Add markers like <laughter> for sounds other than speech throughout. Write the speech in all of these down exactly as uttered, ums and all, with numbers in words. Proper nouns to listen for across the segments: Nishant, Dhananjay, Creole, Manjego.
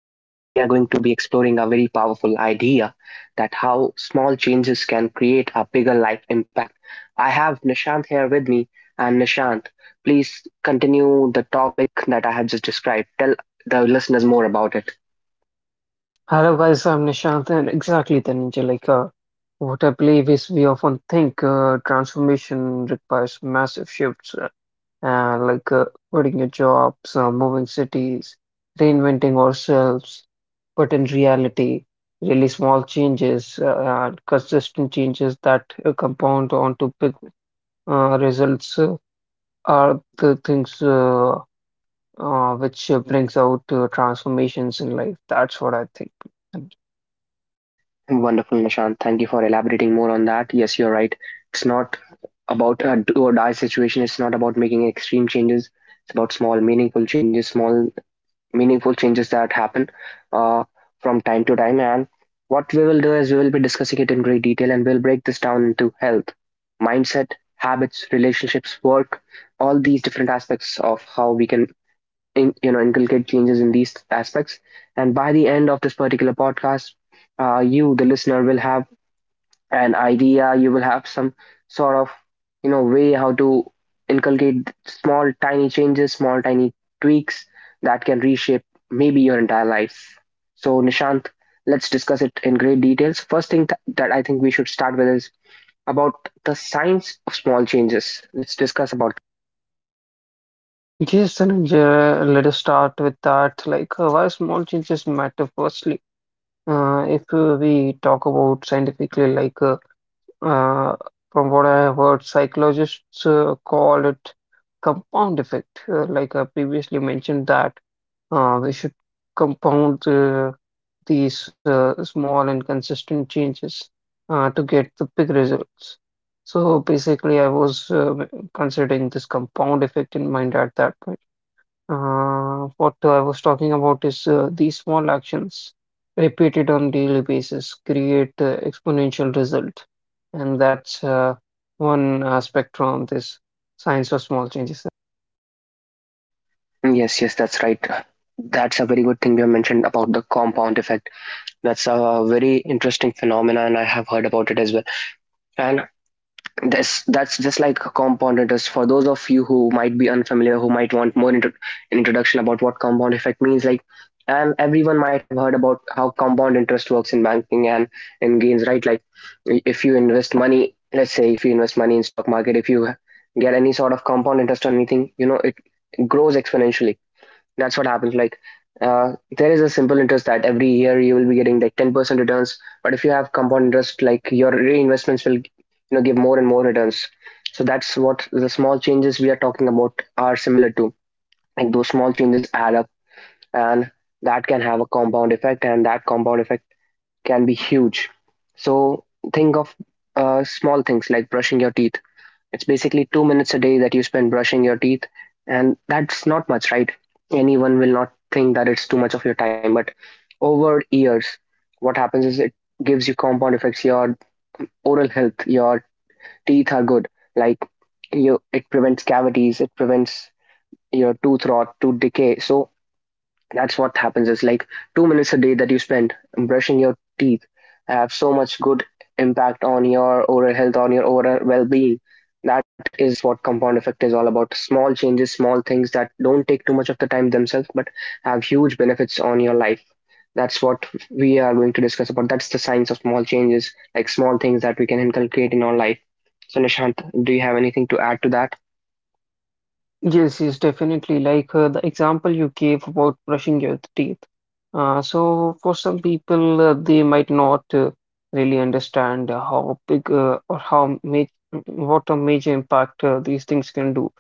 and today we are going to be exploring a very powerful idea that how small changes can create a bigger life impact. I have Nishant here with me, and Nishant, please continue the topic that I have just described. Tell the listeners more about it. Hello guys, I'm Nishant and exactly Dhananjay. Like uh, what I believe is we often think uh, transformation requires massive shifts, uh, uh, like uh, quitting your jobs, uh, moving cities, reinventing ourselves. But in reality, really small changes uh, and consistent changes that uh, compound onto big uh, results uh, are the things uh, uh, which uh, brings out uh, transformations in life. That's what I think. Wonderful, Nishant. Thank you for elaborating more on that. Yes, you're right. It's not about a do or die situation, it's not about making extreme changes. It's about small, meaningful changes, small meaningful changes that happen uh, from time to time. And what we will do is we will be discussing it in great detail and we'll break this down into health, mindset, habits, relationships, work, all these different aspects of how we can in, you know inculcate changes in these aspects. And by the end of this particular podcast, uh, you, the listener, will have an idea. You will have some sort of, you know, way how to inculcate small tiny changes, small tiny tweaks that can reshape maybe your entire life. So Nishant, let's discuss it in great details. First thing th- that I think we should start with is about the science of small changes. Let's discuss about. Yes, and uh, let us start with that. Like, uh, Why small changes matter firstly. Uh, if uh, we talk about scientifically, like, uh, uh, from what I have heard, psychologists uh, call it compound effect. Uh, like I previously mentioned that uh, we should compound uh, these uh, small and consistent changes uh, to get the big results. So basically, I was uh, considering this compound effect in mind at that point. Uh, what I was talking about is uh, these small actions repeated on daily basis create uh, exponential result, and that's uh, one aspect from this science of small changes. Yes, yes, that's right. That's a very good thing you have mentioned about the compound effect. That's a very interesting phenomena, and I have heard about it as well. And That's that's just like compound interest. For those of you who might be unfamiliar, who might want more intro- an introduction about what compound effect means, like, and everyone might have heard about how compound interest works in banking and in gains, right? Like, if you invest money, let's say if you invest money in stock market, if you get any sort of compound interest or anything, you know it grows exponentially. That's what happens, like, uh, there is a simple interest that every year you will be getting like ten percent returns, but if you have compound interest, like, your reinvestments will, you know, give more and more returns. So that's what the small changes we are talking about are similar to. Like, those small changes add up, and that can have a compound effect, and that compound effect can be huge. So think of uh, small things like brushing your teeth. It's basically two minutes a day that you spend brushing your teeth, and that's not much, right? Anyone will not think that it's too much of your time, but over years, what happens is it gives you compound effects. Your oral health, your teeth are good. Like, you, it prevents cavities, it prevents your tooth rot, tooth decay. So that's what happens is like two minutes a day that you spend brushing your teeth have so much good impact on your overall health, on your overall well-being. That is what compound effect is all about. Small changes, small things that don't take too much of the time themselves, but have huge benefits on your life. That's what we are going to discuss about. That's the science of small changes, like small things that we can inculcate in our life. So Nishant, do you have anything to add to that? Yes, yes, definitely. Like uh, the example you gave about brushing your teeth. Uh, so, for some people, uh, they might not uh, really understand uh, how big uh, or how ma what a major impact uh, these things can do.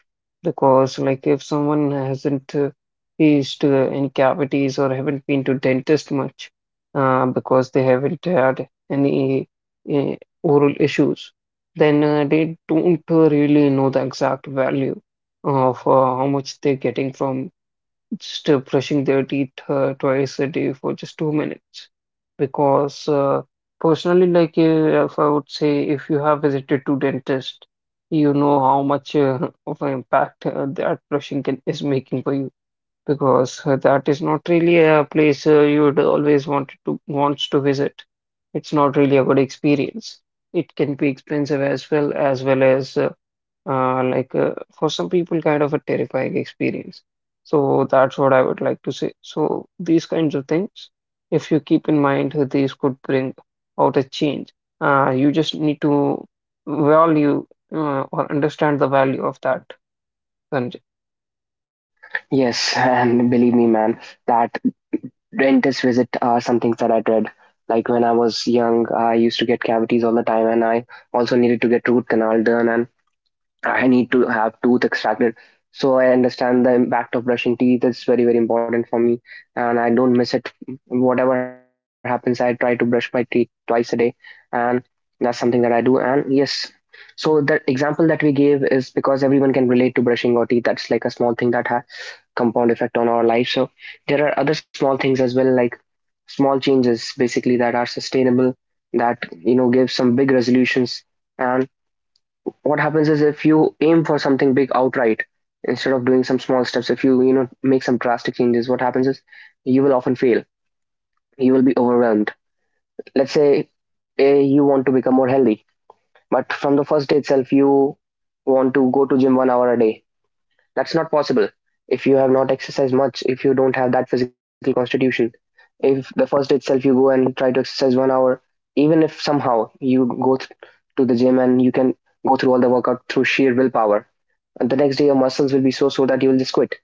Because, like, if someone hasn't uh, faced uh, any cavities or haven't been to dentist much, uh, because they haven't had any uh, oral issues, then uh, they don't uh, really know the exact value uh, for how much they're getting from just uh, brushing their teeth uh, twice a day for just two minutes. Because uh, Personally, like uh, if I would say, if you have visited to dentist, you know how much uh, <laughs> of an impact uh, that brushing can, is making for you. Because uh, That is not really a place uh, you would always wanted to wants to visit. It's not really a good experience. It can be expensive as well, as well as uh, uh, like uh, for some people kind of a terrifying experience. So that's what I would like to say. So these kinds of things, if you keep in mind, uh, these could bring out a change. Uh, you just need to value uh, or understand the value of that, Dhananjay. Yes, <laughs> and believe me, man, that dentist visit are some things that I dread. Like, when I was young, I used to get cavities all the time, and I also needed to get root canal done, and I need to have tooth extracted. So I understand the impact of brushing teeth is very, very important for me, and I don't miss it. Whatever happens, I try to brush my teeth twice a day, and that's something that I do. And yes, so the example that we gave is because everyone can relate to brushing your teeth. That's like a small thing that ha- compound effect on our life. So there are other small things as well, like small changes basically that are sustainable, that, you know, give some big resolutions. And what happens is if you aim for something big outright instead of doing some small steps, if you, you know, make some drastic changes, what happens is you will often fail. You will be overwhelmed. Let's say eh, you want to become more healthy, but from the first day itself you want to go to gym one hour a day. That's not possible if you have not exercised much, if you don't have that physical constitution. If the first day itself you go and try to exercise one hour, even if somehow you go th- to the gym and you can go through all the workout through sheer willpower, and the next day your muscles will be so sore that you will just quit.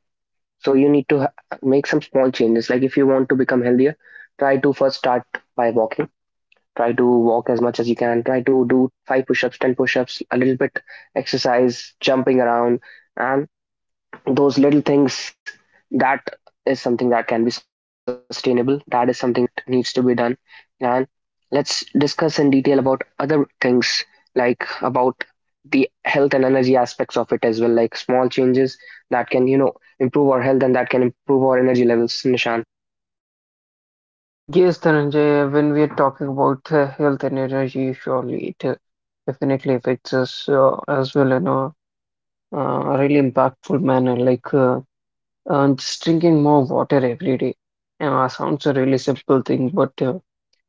So you need to ha- make some small changes. Like, if you want to become healthier, try to first start by walking. Try to walk as much as you can. Try to do five push-ups, ten push-ups, a little bit exercise, jumping around, and those little things, that is something that can be sustainable, that is something that needs to be done. And let's discuss in detail about other things, like about the health and energy aspects of it as well, like small changes that can, you know, improve our health and that can improve our energy levels, Nishan. Yes, Dhananjay, when we are talking about uh, health and energy, surely it uh, definitely affects us uh, as well in a uh, really impactful manner. Like uh, Uh, just drinking more water every day. Uh, sounds a really simple thing, but uh,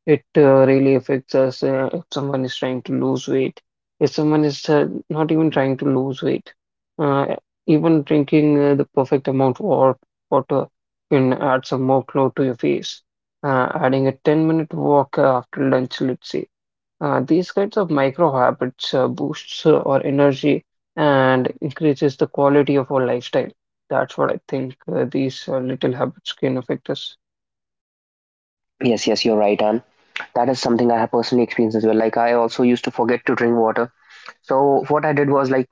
it uh, really affects us uh, if someone is trying to lose weight. If someone is uh, not even trying to lose weight, uh, even drinking uh, the perfect amount of wa- water can add some more glow to your face. Uh, adding a ten minute walk uh, after lunch, let's say uh, these kinds of micro habits uh, boosts uh, our energy and increases the quality of our lifestyle. That's what I think uh, these uh, little habits can affect us. Yes, yes, you're right. And that is something I have personally experienced as well. Like, I also used to forget to drink water. So what I did was, like,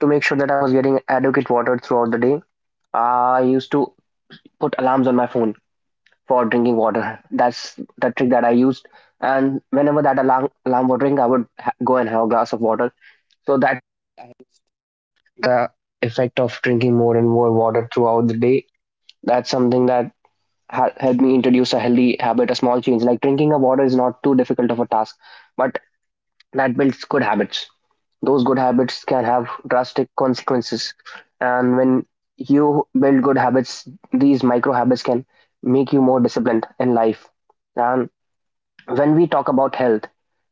to make sure that I was getting adequate water throughout the day, I used to put alarms on my phone for drinking water. That's the trick that I used. And whenever that alarm alarm would ring, I would ha- go and have a glass of water. So that the effect of drinking more and more water throughout the day. That's something that ha- helped me introduce a healthy habit, a small change. Like, drinking a water is not too difficult of a task, but that builds good habits. Those good habits can have drastic consequences. And when you build good habits, these micro habits can make you more disciplined in life. And when we talk about health,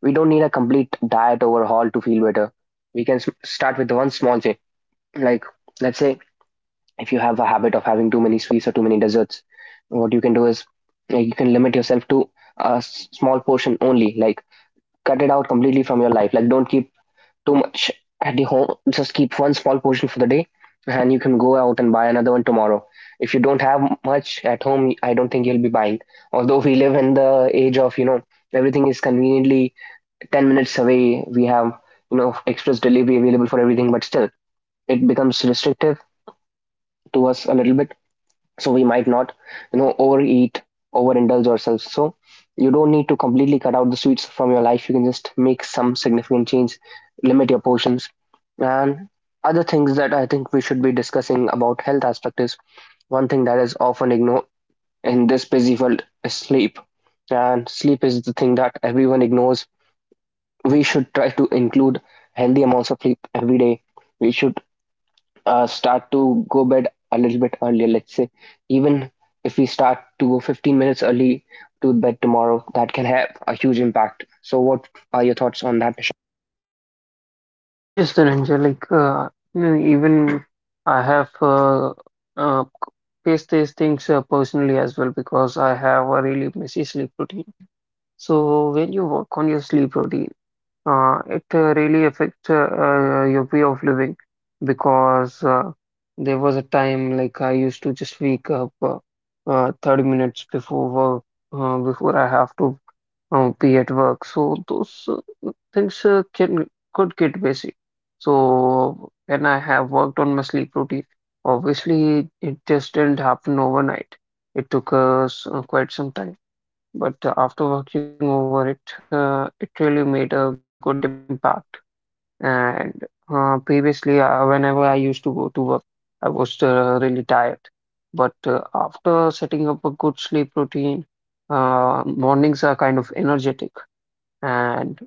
we don't need a complete diet overhaul to feel better. We can s- start with one small change. Like, let's say if you have a habit of having too many sweets or too many desserts, what you can do is, like, you can limit yourself to a s- small portion only. Like, cut it out completely from your life. Like, don't keep too much at the home, just keep one small portion for the day and you can go out and buy another one tomorrow. If you don't have much at home, I don't think you'll be buying. Although we live in the age of, you know, everything is conveniently ten minutes away. We have, you know, express delivery available for everything, but still it becomes restrictive to us a little bit, so we might not, you know, overeat, overindulge ourselves. So you don't need to completely cut out the sweets from your life. You can just make some significant change, limit your portions. And other things that I think we should be discussing about health aspect is one thing that is often ignored in this busy world is sleep. And sleep is the thing that everyone ignores. We should try to include healthy amounts of sleep every day. We should uh, start to go bed a little bit earlier. Let's say even if we start to go fifteen minutes early to bed tomorrow, that can have a huge impact. So, what are your thoughts on that, Nish? Yes, Dhananjay, like uh, you know, even I have uh, uh, faced these things uh, personally as well because I have a really messy sleep routine. So when you work on your sleep routine, uh, it uh, really affects uh, uh, your way of living because uh, there was a time like I used to just wake up uh, uh, thirty minutes before work, uh, before I have to uh, be at work. So those uh, things uh, can could get busy. So when I have worked on my sleep routine, obviously it just didn't happen overnight. It took us uh, quite some time, but uh, after working over it, uh, it really made a good impact and uh, previously, uh, whenever I used to go to work, I was uh, really tired. But uh, After setting up a good sleep routine, uh, mornings are kind of energetic. And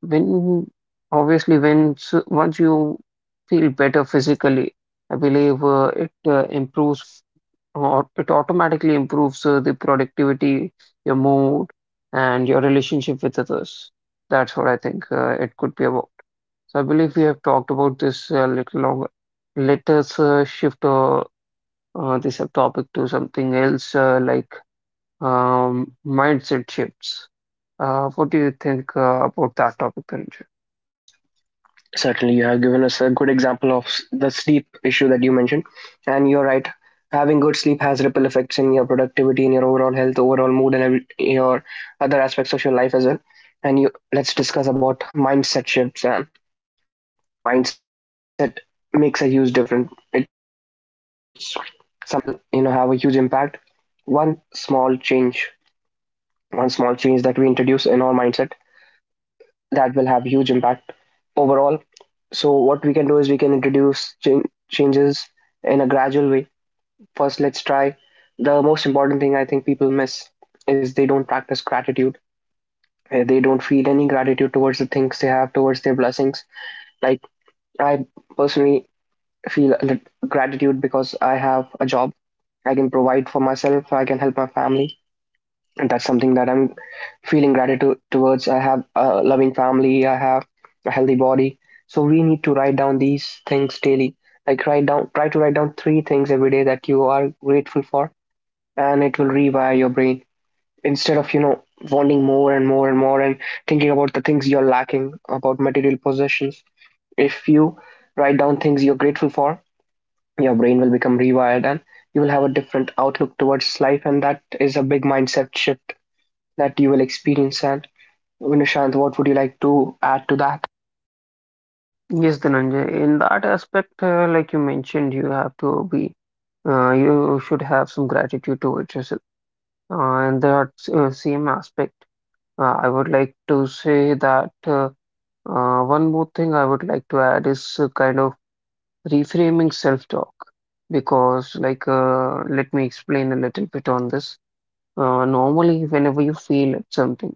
when, obviously, when s- once you feel better physically, I believe uh, it uh, improves or it automatically improves uh, the productivity, your mood, and your relationship with others. That's what I think uh, it could be about. So I believe we have talked about this a little longer. Let us uh, shift uh, uh, this topic to something else, uh, like um, mindset shifts. Uh, what do you think uh, about that topic, Dhananjay? Certainly, you have given us a good example of the sleep issue that you mentioned, and you're right. Having good sleep has ripple effects in your productivity, in your overall health, overall mood, and every, your other aspects of your life as well. And you, let's discuss about mindset shifts. And, you know, mindset makes a huge difference. It's something that will, you know, have a huge impact. One small change, one small change that we introduce in our mindset, that will have huge impact overall. So what we can do is we can introduce chan- changes in a gradual way. First, let's try the most important thing I think people miss is they don't practice gratitude. Uh, They don't feel any gratitude towards the things they have, towards their blessings. Like, I personally feel a lit- gratitude because I have a job. I can provide for myself, I can help my family. And that's something that I'm feeling gratitude towards. I have a loving family, I have a healthy body. So we need to write down these things daily. Like, write down try to write down three things every day that you are grateful for, and it will rewire your brain. Instead of, you know, wanting more and more and more and thinking about the things you're lacking, about material possessions. If you write down things you're grateful for, your brain will become rewired and you will have a different outlook towards life, and that is a big mindset shift that you will experience. And Nishant, what would you like to add to that? Yes, Dhananjay. In that aspect, uh, like you mentioned, you have to be, uh, you should have some gratitude towards yourself. Uh, and that s- uh, same aspect, uh, I would like to say that uh, uh, one more thing I would like to add is uh, kind of reframing self-talk because, like, uh, let me explain a little bit on this. Uh, normally, whenever you feel at something,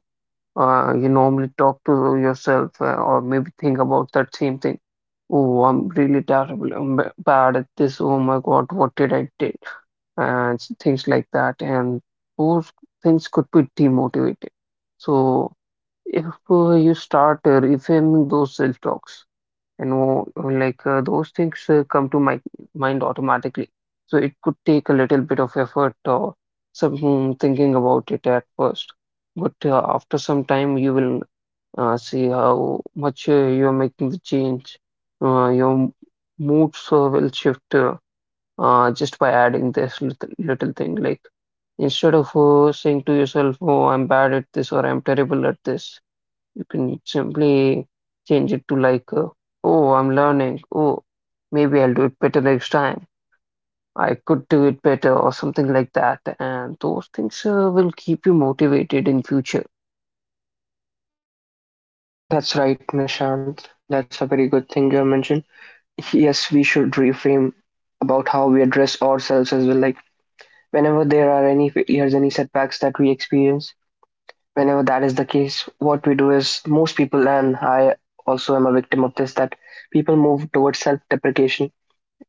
uh, you normally talk to yourself uh, or maybe think about that same thing. Oh, I'm really terrible. I'm b- bad at this. Oh my God, what did I do? And s- things like that. And those things could be demotivated. So if uh, you start uh, reframing those self-talks, and know, like uh, those things uh, come to my mind automatically. So it could take a little bit of effort or some thinking about it at first, but uh, after some time you will uh, see how much uh, you're making the change. Uh, your m- moods uh, will shift. Uh, uh, just by adding this little, little thing. Like instead of uh, saying to yourself, "Oh, I'm bad at this" or "I'm terrible at this," you can simply change it to like, uh, "Oh, I'm learning. Oh, maybe I'll do it better next time. I could do it better," or something like that. And those things uh, will keep you motivated in future. That's right, Nishant. That's a very good thing you have mentioned. Yes, we should reframe about how we address ourselves as well. Like whenever there are any failures, any setbacks that we experience, whenever that is the case, what we do is most people, and I also am a victim of this, that people move towards self-deprecation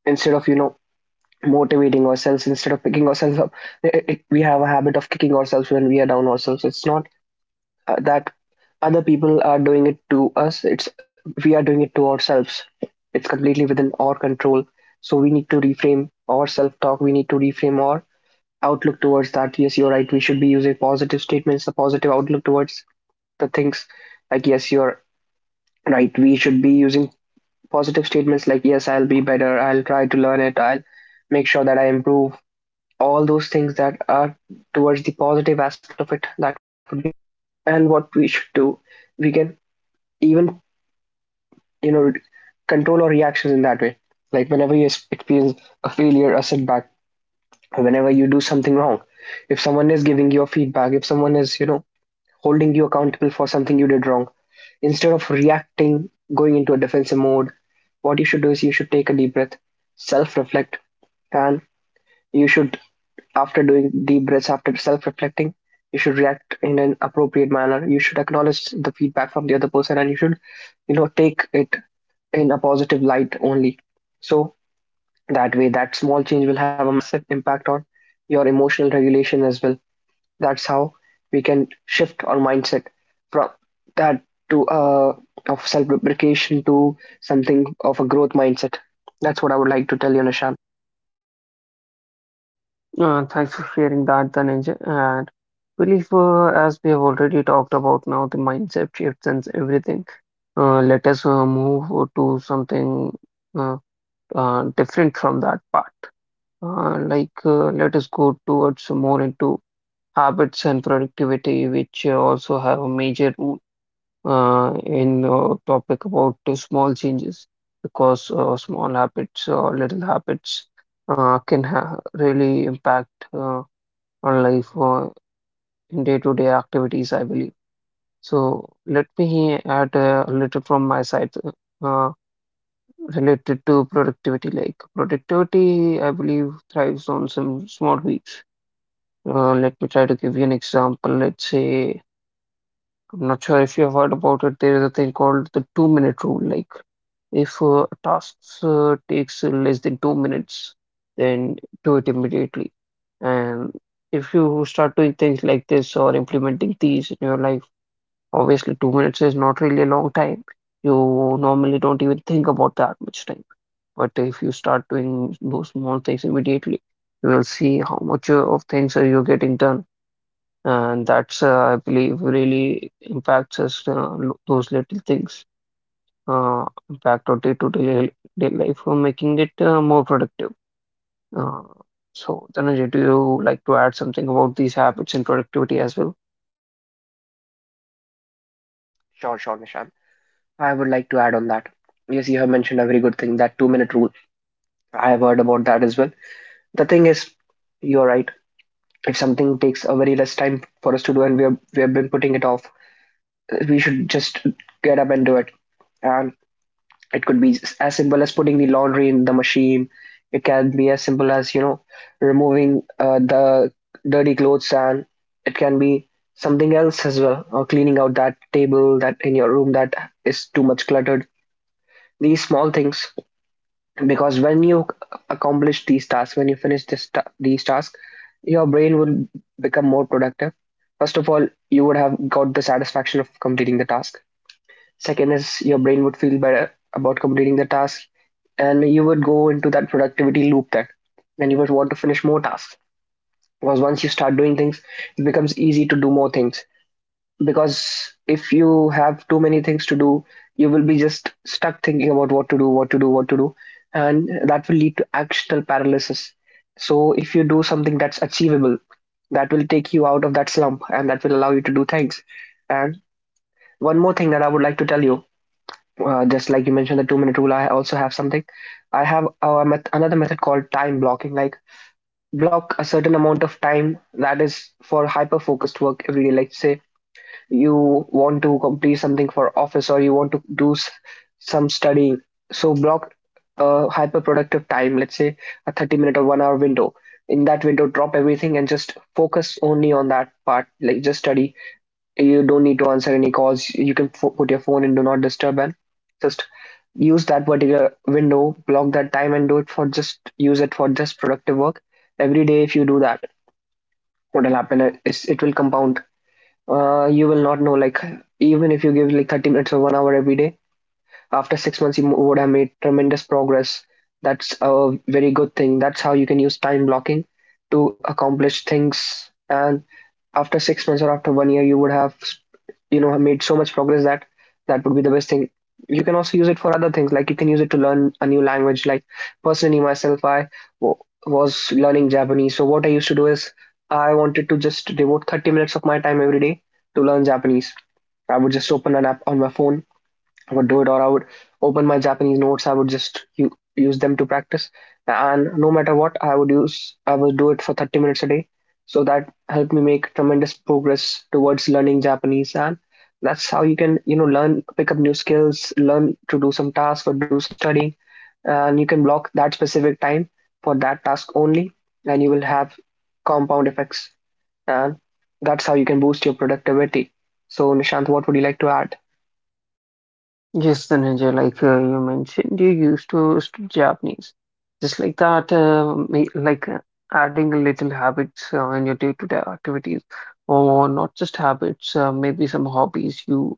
instead of, you know motivating ourselves, instead of picking ourselves up. It- it- we have a habit of kicking ourselves when we are down ourselves. It's not uh, that other people are doing it to us, it's we are doing it to ourselves. It's completely within our control. So we need to reframe our self talk, we need to reframe our outlook towards that. Yes, you're right, we should be using positive statements, a positive outlook towards the things. Like, yes, you're right, we should be using positive statements like, yes, I'll be better, I'll try to learn it, I'll make sure that I improve all those things that are towards the positive aspect of it, that would be good. And what we should do, we can even, you know, control our reactions in that way. Like whenever you experience a failure, a setback, whenever you do something wrong, if someone is giving you a feedback, if someone is, you know, holding you accountable for something you did wrong, instead of reacting, going into a defensive mode, what you should do is you should take a deep breath, self reflect, and you should, after doing deep breaths, after self reflecting, you should react in an appropriate manner. You should acknowledge the feedback from the other person and you should, you know, take it in a positive light only. So that way, that small change will have a massive impact on your emotional regulation as well. That's how we can shift our mindset from that to uh, of self deprecation to something of a growth mindset. That's what I would like to tell you, Nishan. Uh, thanks for sharing that, Dhananjay. And believe uh, as we have already talked about now, the mindset shifts and everything. Uh, let us uh, move to something uh, uh, different from that part. Uh, like, uh, let us go towards more into habits and productivity, which uh, also have a major role uh, in the topic about the small changes, because uh, small habits or little habits uh, can ha really impact uh, our life uh, in day-to-day activities, I believe. So, let me add uh, a little from my side. Uh, related to productivity. Like productivity, I believe, thrives on some small weeks. Uh, let me try to give you an example. Let's say, I'm not sure if you have heard about it. There is a thing called the two minute rule. Like, if uh, a task uh, takes less than two minutes, then do it immediately. And if you start doing things like this or implementing these in your life, obviously, two minutes is not really a long time. You normally don't even think about that much time. But if you start doing those small things immediately, you will see how much uh, of things are you getting done. And that's, uh, I believe, really impacts us, uh, lo- those little things uh, impact our day-to-day day life for making it uh, more productive. Uh, so, Dhananjay, do you like to add something about these habits and productivity as well? Sure, sure, Nishan. I would like to add on that. Yes, you have mentioned a very good thing, that two minute rule. I have heard about that as well. The thing is, you're right. If something takes a very less time for us to do and we, have we have been putting it off, we should just get up and do it. And it could be as simple as putting the laundry in the machine. It can be as simple as, you know, removing uh, the dirty clothes, and it can be something else as well, or cleaning out that table that in your room that is too much cluttered. These small things, because when you accomplish these tasks, when you finish this ta- these tasks, your brain would become more productive. First of all, you would have got the satisfaction of completing the task. Second is your brain would feel better about completing the task, and you would go into that productivity loop, that, and you would want to finish more tasks, because once you start doing things, it becomes easy to do more things. Because if you have too many things to do, you will be just stuck thinking about what to do, what to do, what to do, and that will lead to actional paralysis. So, if you do something that's achievable, that will take you out of that slump and that will allow you to do things. And one more thing that I would like to tell you, uh, just like you mentioned the two minute rule, I also have something. I have uh, met- another method called time blocking, like block a certain amount of time that is for hyper focused work every day. Like, say, you want to complete something for office or you want to do s- some studying. So block a hyper productive time, let's say a thirty minute or one hour window. In that window, drop everything and just focus only on that part, like just study. You don't need to answer any calls, you can fo- put your phone in do not disturb and just use that particular window, block that time and do it for just, use it for just productive work every day. If you do that, what will happen is it will compound. Uh, you will not know, like, even if you give like thirty minutes or one hour every day, after six months you would have made tremendous progress. That's a very good thing, that's how you can use time blocking to accomplish things. And after six months or after one year, you would have, you know, made so much progress that that would be the best thing. You can also use it for other things, like you can use it to learn a new language. Like personally myself, i w- was learning Japanese. So what I used to do is I wanted to just devote thirty minutes of my time every day to learn Japanese. I would just open an app on my phone, I would do it, or I would open my Japanese notes. I would just u- use them to practice, and no matter what, I would use I would do it for thirty minutes a day. So that helped me make tremendous progress towards learning Japanese, and that's how you can, you know, learn, pick up new skills, learn to do some tasks or do some studying, and you can block that specific time for that task only, and you will have compound effects, and that's how you can boost your productivity. So Nishant, what would you like to add? Yes, Dhananjay, like uh, you mentioned, you used to study Japanese. Just like that, uh, may- like uh, adding a little habits uh, in your day-to-day activities, or not just habits, uh, maybe some hobbies. You,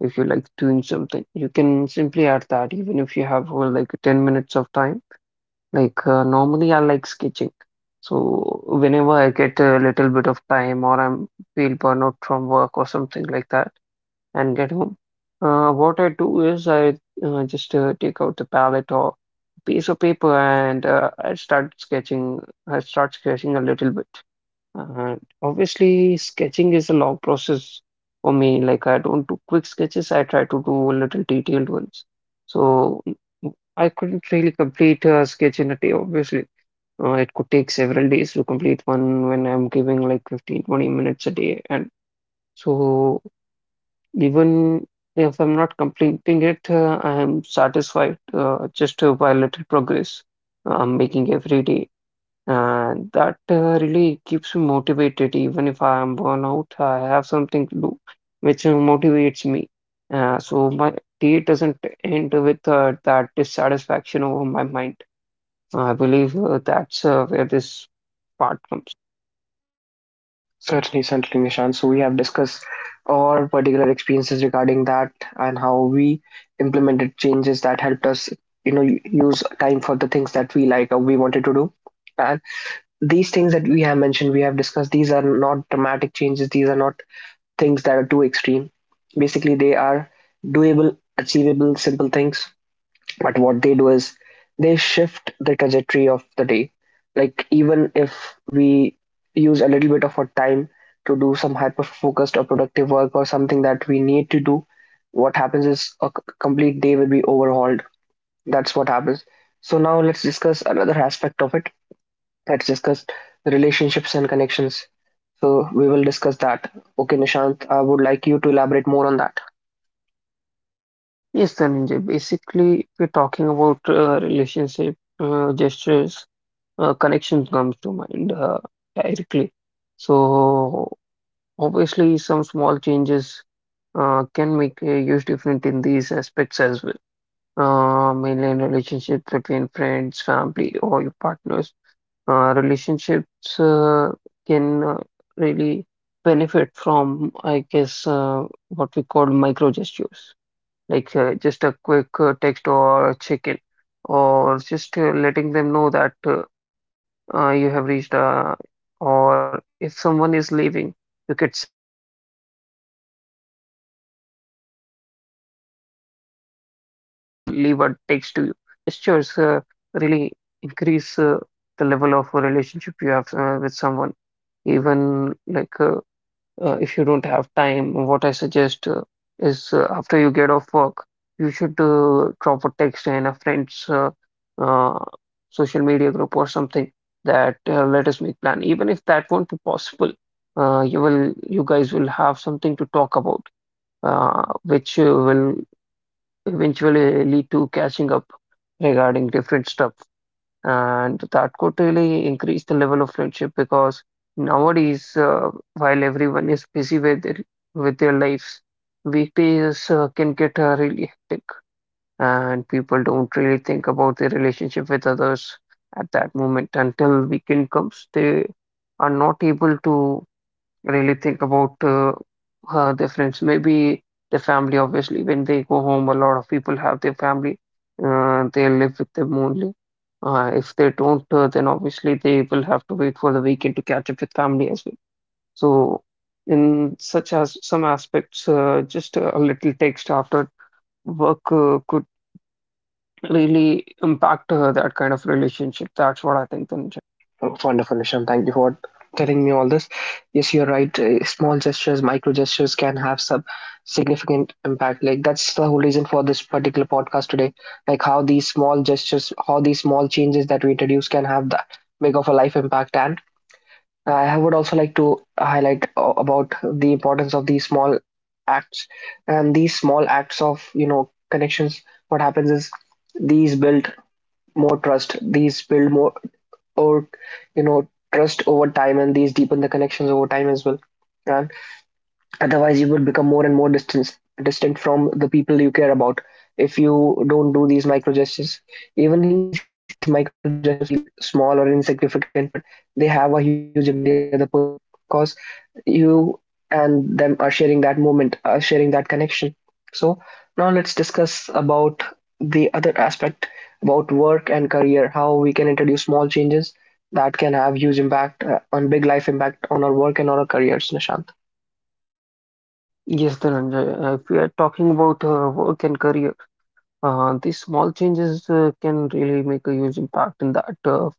if you like doing something, you can simply add that, even if you have uh, like ten minutes of time. Like uh, normally, I like sketching. So whenever I get a little bit of time, or I'm feel burnout from work or something like that and get home. Uh, what I do is I uh, just uh, take out the palette or piece of paper and uh, I start sketching. I start sketching a little bit. And obviously, sketching is a long process for me. Like I don't do quick sketches. I try to do little detailed ones. So I couldn't really complete a sketch in a day, obviously. Uh, it could take several days to complete one when I'm giving like fifteen twenty minutes a day. And so even if I'm not completing it, uh, I am satisfied uh, just uh, by little progress uh, I'm making every day. And that uh, really keeps me motivated. Even if I am worn out, I have something to do which uh, motivates me. Uh, so my day doesn't end with uh, that dissatisfaction over my mind. I believe uh, that's uh, where this part comes. Certainly, certainly, Nishant. So we have discussed our particular experiences regarding that and how we implemented changes that helped us, you know, use time for the things that we like or we wanted to do. And these things that we have mentioned, we have discussed, these are not dramatic changes. These are not things that are too extreme. Basically, they are doable, achievable, simple things, but what they do is they shift the trajectory of the day. Like even if we use a little bit of our time to do some hyper focused or productive work or something that we need to do, what happens is a c- complete day will be overhauled. That's what happens. So now let's discuss another aspect of it. Let's discuss the relationships and connections. So we will discuss that. Okay, Nishant, I would like you to elaborate more on that. Yes, Dhananjay, basically, if we're talking about uh, relationship uh, gestures. uh, connection comes to mind uh, directly. So obviously, some small changes uh, can make a huge difference in these aspects as well. Uh, mainly in relationships between friends, family, or your partners. Uh, relationships uh, can uh, really benefit from, I guess, uh, what we call micro gestures, like uh, just a quick uh, text or a check-in, or just uh, letting them know that. Uh, uh, you have reached, uh, or if someone is leaving, you could simply ask them to leave a text to you that they have reached. And these little gestures uh, really increase uh, the level of a relationship you have uh, with someone. Even like uh, uh, if you don't have time, what I suggest uh, is uh, after you get off work, you should uh, drop a text in a friend's uh, uh, social media group or something that uh, let us make plan. Even if that won't be possible, uh, you will, you guys will have something to talk about, uh, which uh, will eventually lead to catching up regarding different stuff. And that could really increase the level of friendship because nowadays, uh, while everyone is busy with their, with their lives, weekdays uh, can get uh, really hectic, and people don't really think about their relationship with others at that moment until weekend comes. They are not able to really think about uh, uh, their friends, maybe their family. Obviously, when they go home, a lot of people have their family. Uh, they live with them only. Uh, if they don't, uh, then obviously they will have to wait for the weekend to catch up with family as well. So, in such as some aspects, uh, just a little text after work uh, could really impact uh, that kind of relationship. That's what I think, Dhananjay. Oh, wonderful, Nishant. Thank you for telling me all this. Yes, you're right. Uh, small gestures, micro gestures can have some significant impact. Like that's the whole reason for this particular podcast today. Like how these small gestures, how these small changes that we introduce can have that big of a life impact. And I would also like to highlight uh, about the importance of these small acts and these small acts of, you know, connections. What happens is these build more trust. These build more, or, you know, trust over time, and these deepen the connections over time as well. And otherwise, you would become more and more distant, distant from the people you care about if you don't do these micro gestures. Even if if these micro gestures feel small or insignificant, but they have a huge impact on the other person, because you and them are sharing that moment, are sharing that connection. So now let's discuss about the other aspect about work and career, how we can introduce small changes that can have huge impact uh, on, big life impact on our work and on our careers, Nishant. Yes, Dhananjay. Uh, if we are talking about uh, work and career. Uh, these small changes uh, can really make a huge impact in that uh,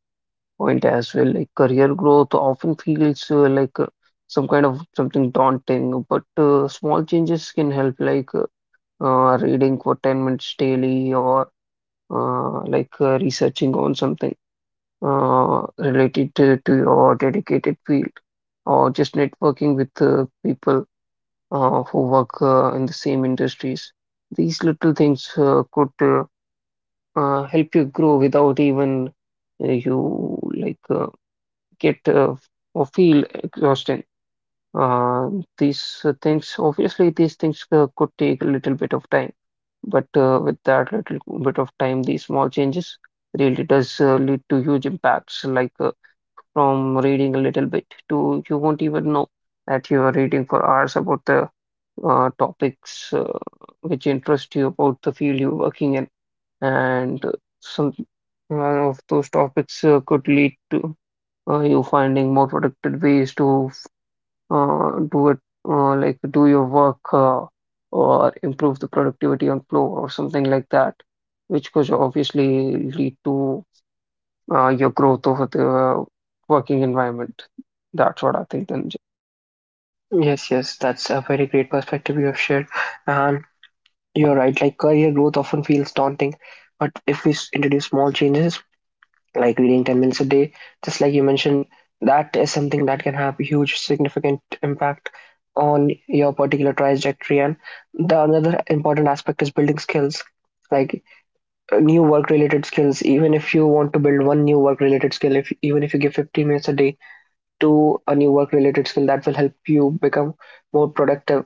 point as well. Like career growth often feels uh, like uh, some kind of something daunting, but uh, small changes can help, like uh, uh, reading for ten minutes daily or uh, like uh, researching on something uh, related to, to your dedicated field, or just networking with uh, people uh, who work uh, in the same industries. These little things uh, could uh, uh, help you grow without even uh, you like uh, get uh, or feel exhausting. Uh, these uh, things, obviously, these things uh, could take a little bit of time, but uh, with that little bit of time, these small changes really does uh, lead to huge impacts. Like uh, from reading a little bit to you won't even know that you are reading for hours about the uh, topics uh, which interest you about the field you're working in and uh, some one of those topics uh, could lead to uh, you finding more productive ways to uh, do it, uh, like do your work uh, or improve the productivity on flow or something like that, which could obviously lead to uh, your growth over the working environment. That's what I think, Dhananjay. Yes, yes, that's a very great perspective you have shared. And you're right, like career growth often feels daunting, but if we s- introduce small changes, like reading ten minutes a day, just like you mentioned, that is something that can have a huge significant impact on your particular trajectory. And the another important aspect is building skills, like uh, new work related skills. Even if you want to build one new work related skill, if even if you give fifteen minutes a day to a new work related skill, that will help you become more productive,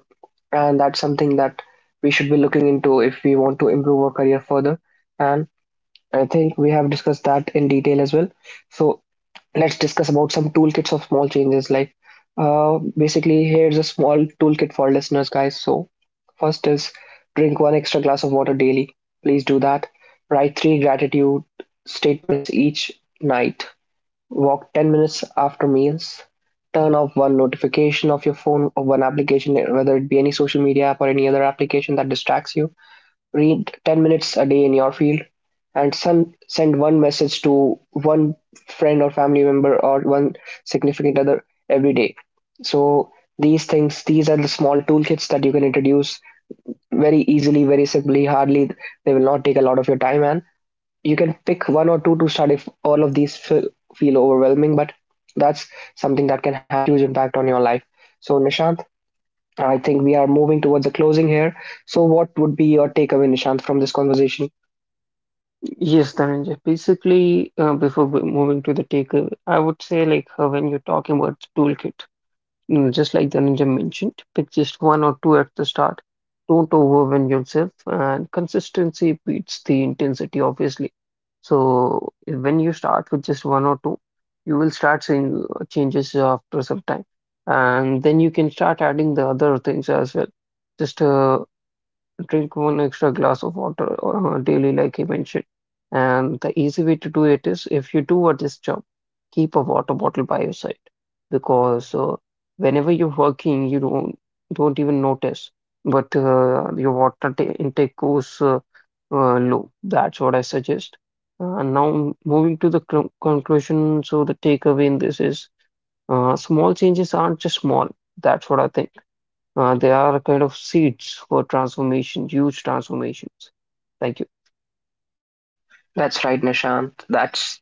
and that's something that we should be looking into if we want to improve our career further. And I think we have discussed that in detail as well. So let's discuss about some toolkits of small changes. Like uh, basically, here's a small toolkit for listeners, guys. So first is, drink one extra glass of water daily, please do that. Write three gratitude statements each night. Walk ten minutes after meals. Turn off one notification of your phone or one application, whether it be any social media app or any other application that distracts you. Read ten minutes a day in your field. And send, send one message to one friend or family member or one significant other every day. So these things, these are the small toolkits that you can introduce very easily, very simply, hardly, they will not take a lot of your time. And you can pick one or two to start if all of these feel, feel overwhelming, but that's something that can have huge impact on your life. So Nishant, I think we are moving towards the closing here. So what would be your takeaway, Nishant, from this conversation? Yes, Dhananjay. Basically, uh, before we- moving to the takeaway, I would say like uh, when you're talking about toolkit. You know, just like the ninja mentioned, pick just one or two at the start. Don't overwhelm yourself, and consistency beats the intensity, obviously. So when you start with just one or two, you will start seeing uh, changes after some time, and then you can start adding the other things as well. Just uh, Drink one extra glass of water uh, daily, like you mentioned. And the easy way to do it is if you do a this job, keep a water bottle by your side because uh, whenever you're working, you don't don't even notice, but uh, your water ta intake goes uh, uh, low. That's what I suggest. Uh, now moving to the cl conclusion, so the takeaway in this is uh, small changes aren't just small. That's what I think uh, they are a kind of seeds for transformation, huge transformations. Thank you. That's right, Nishant. That's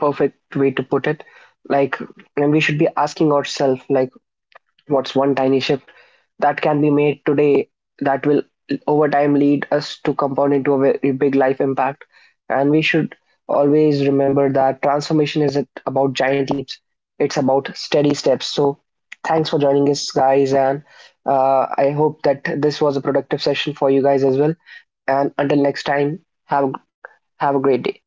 perfect way to put it. Like, and we should be asking ourselves, like, what's one tiny shift that can be made today that will over time lead us to compound into a very big life impact? And we should always remember that transformation isn't about giant leaps; it's about steady steps. So, thanks for joining us, guys, and uh, I hope that this was a productive session for you guys as well. And until next time, have have a great day.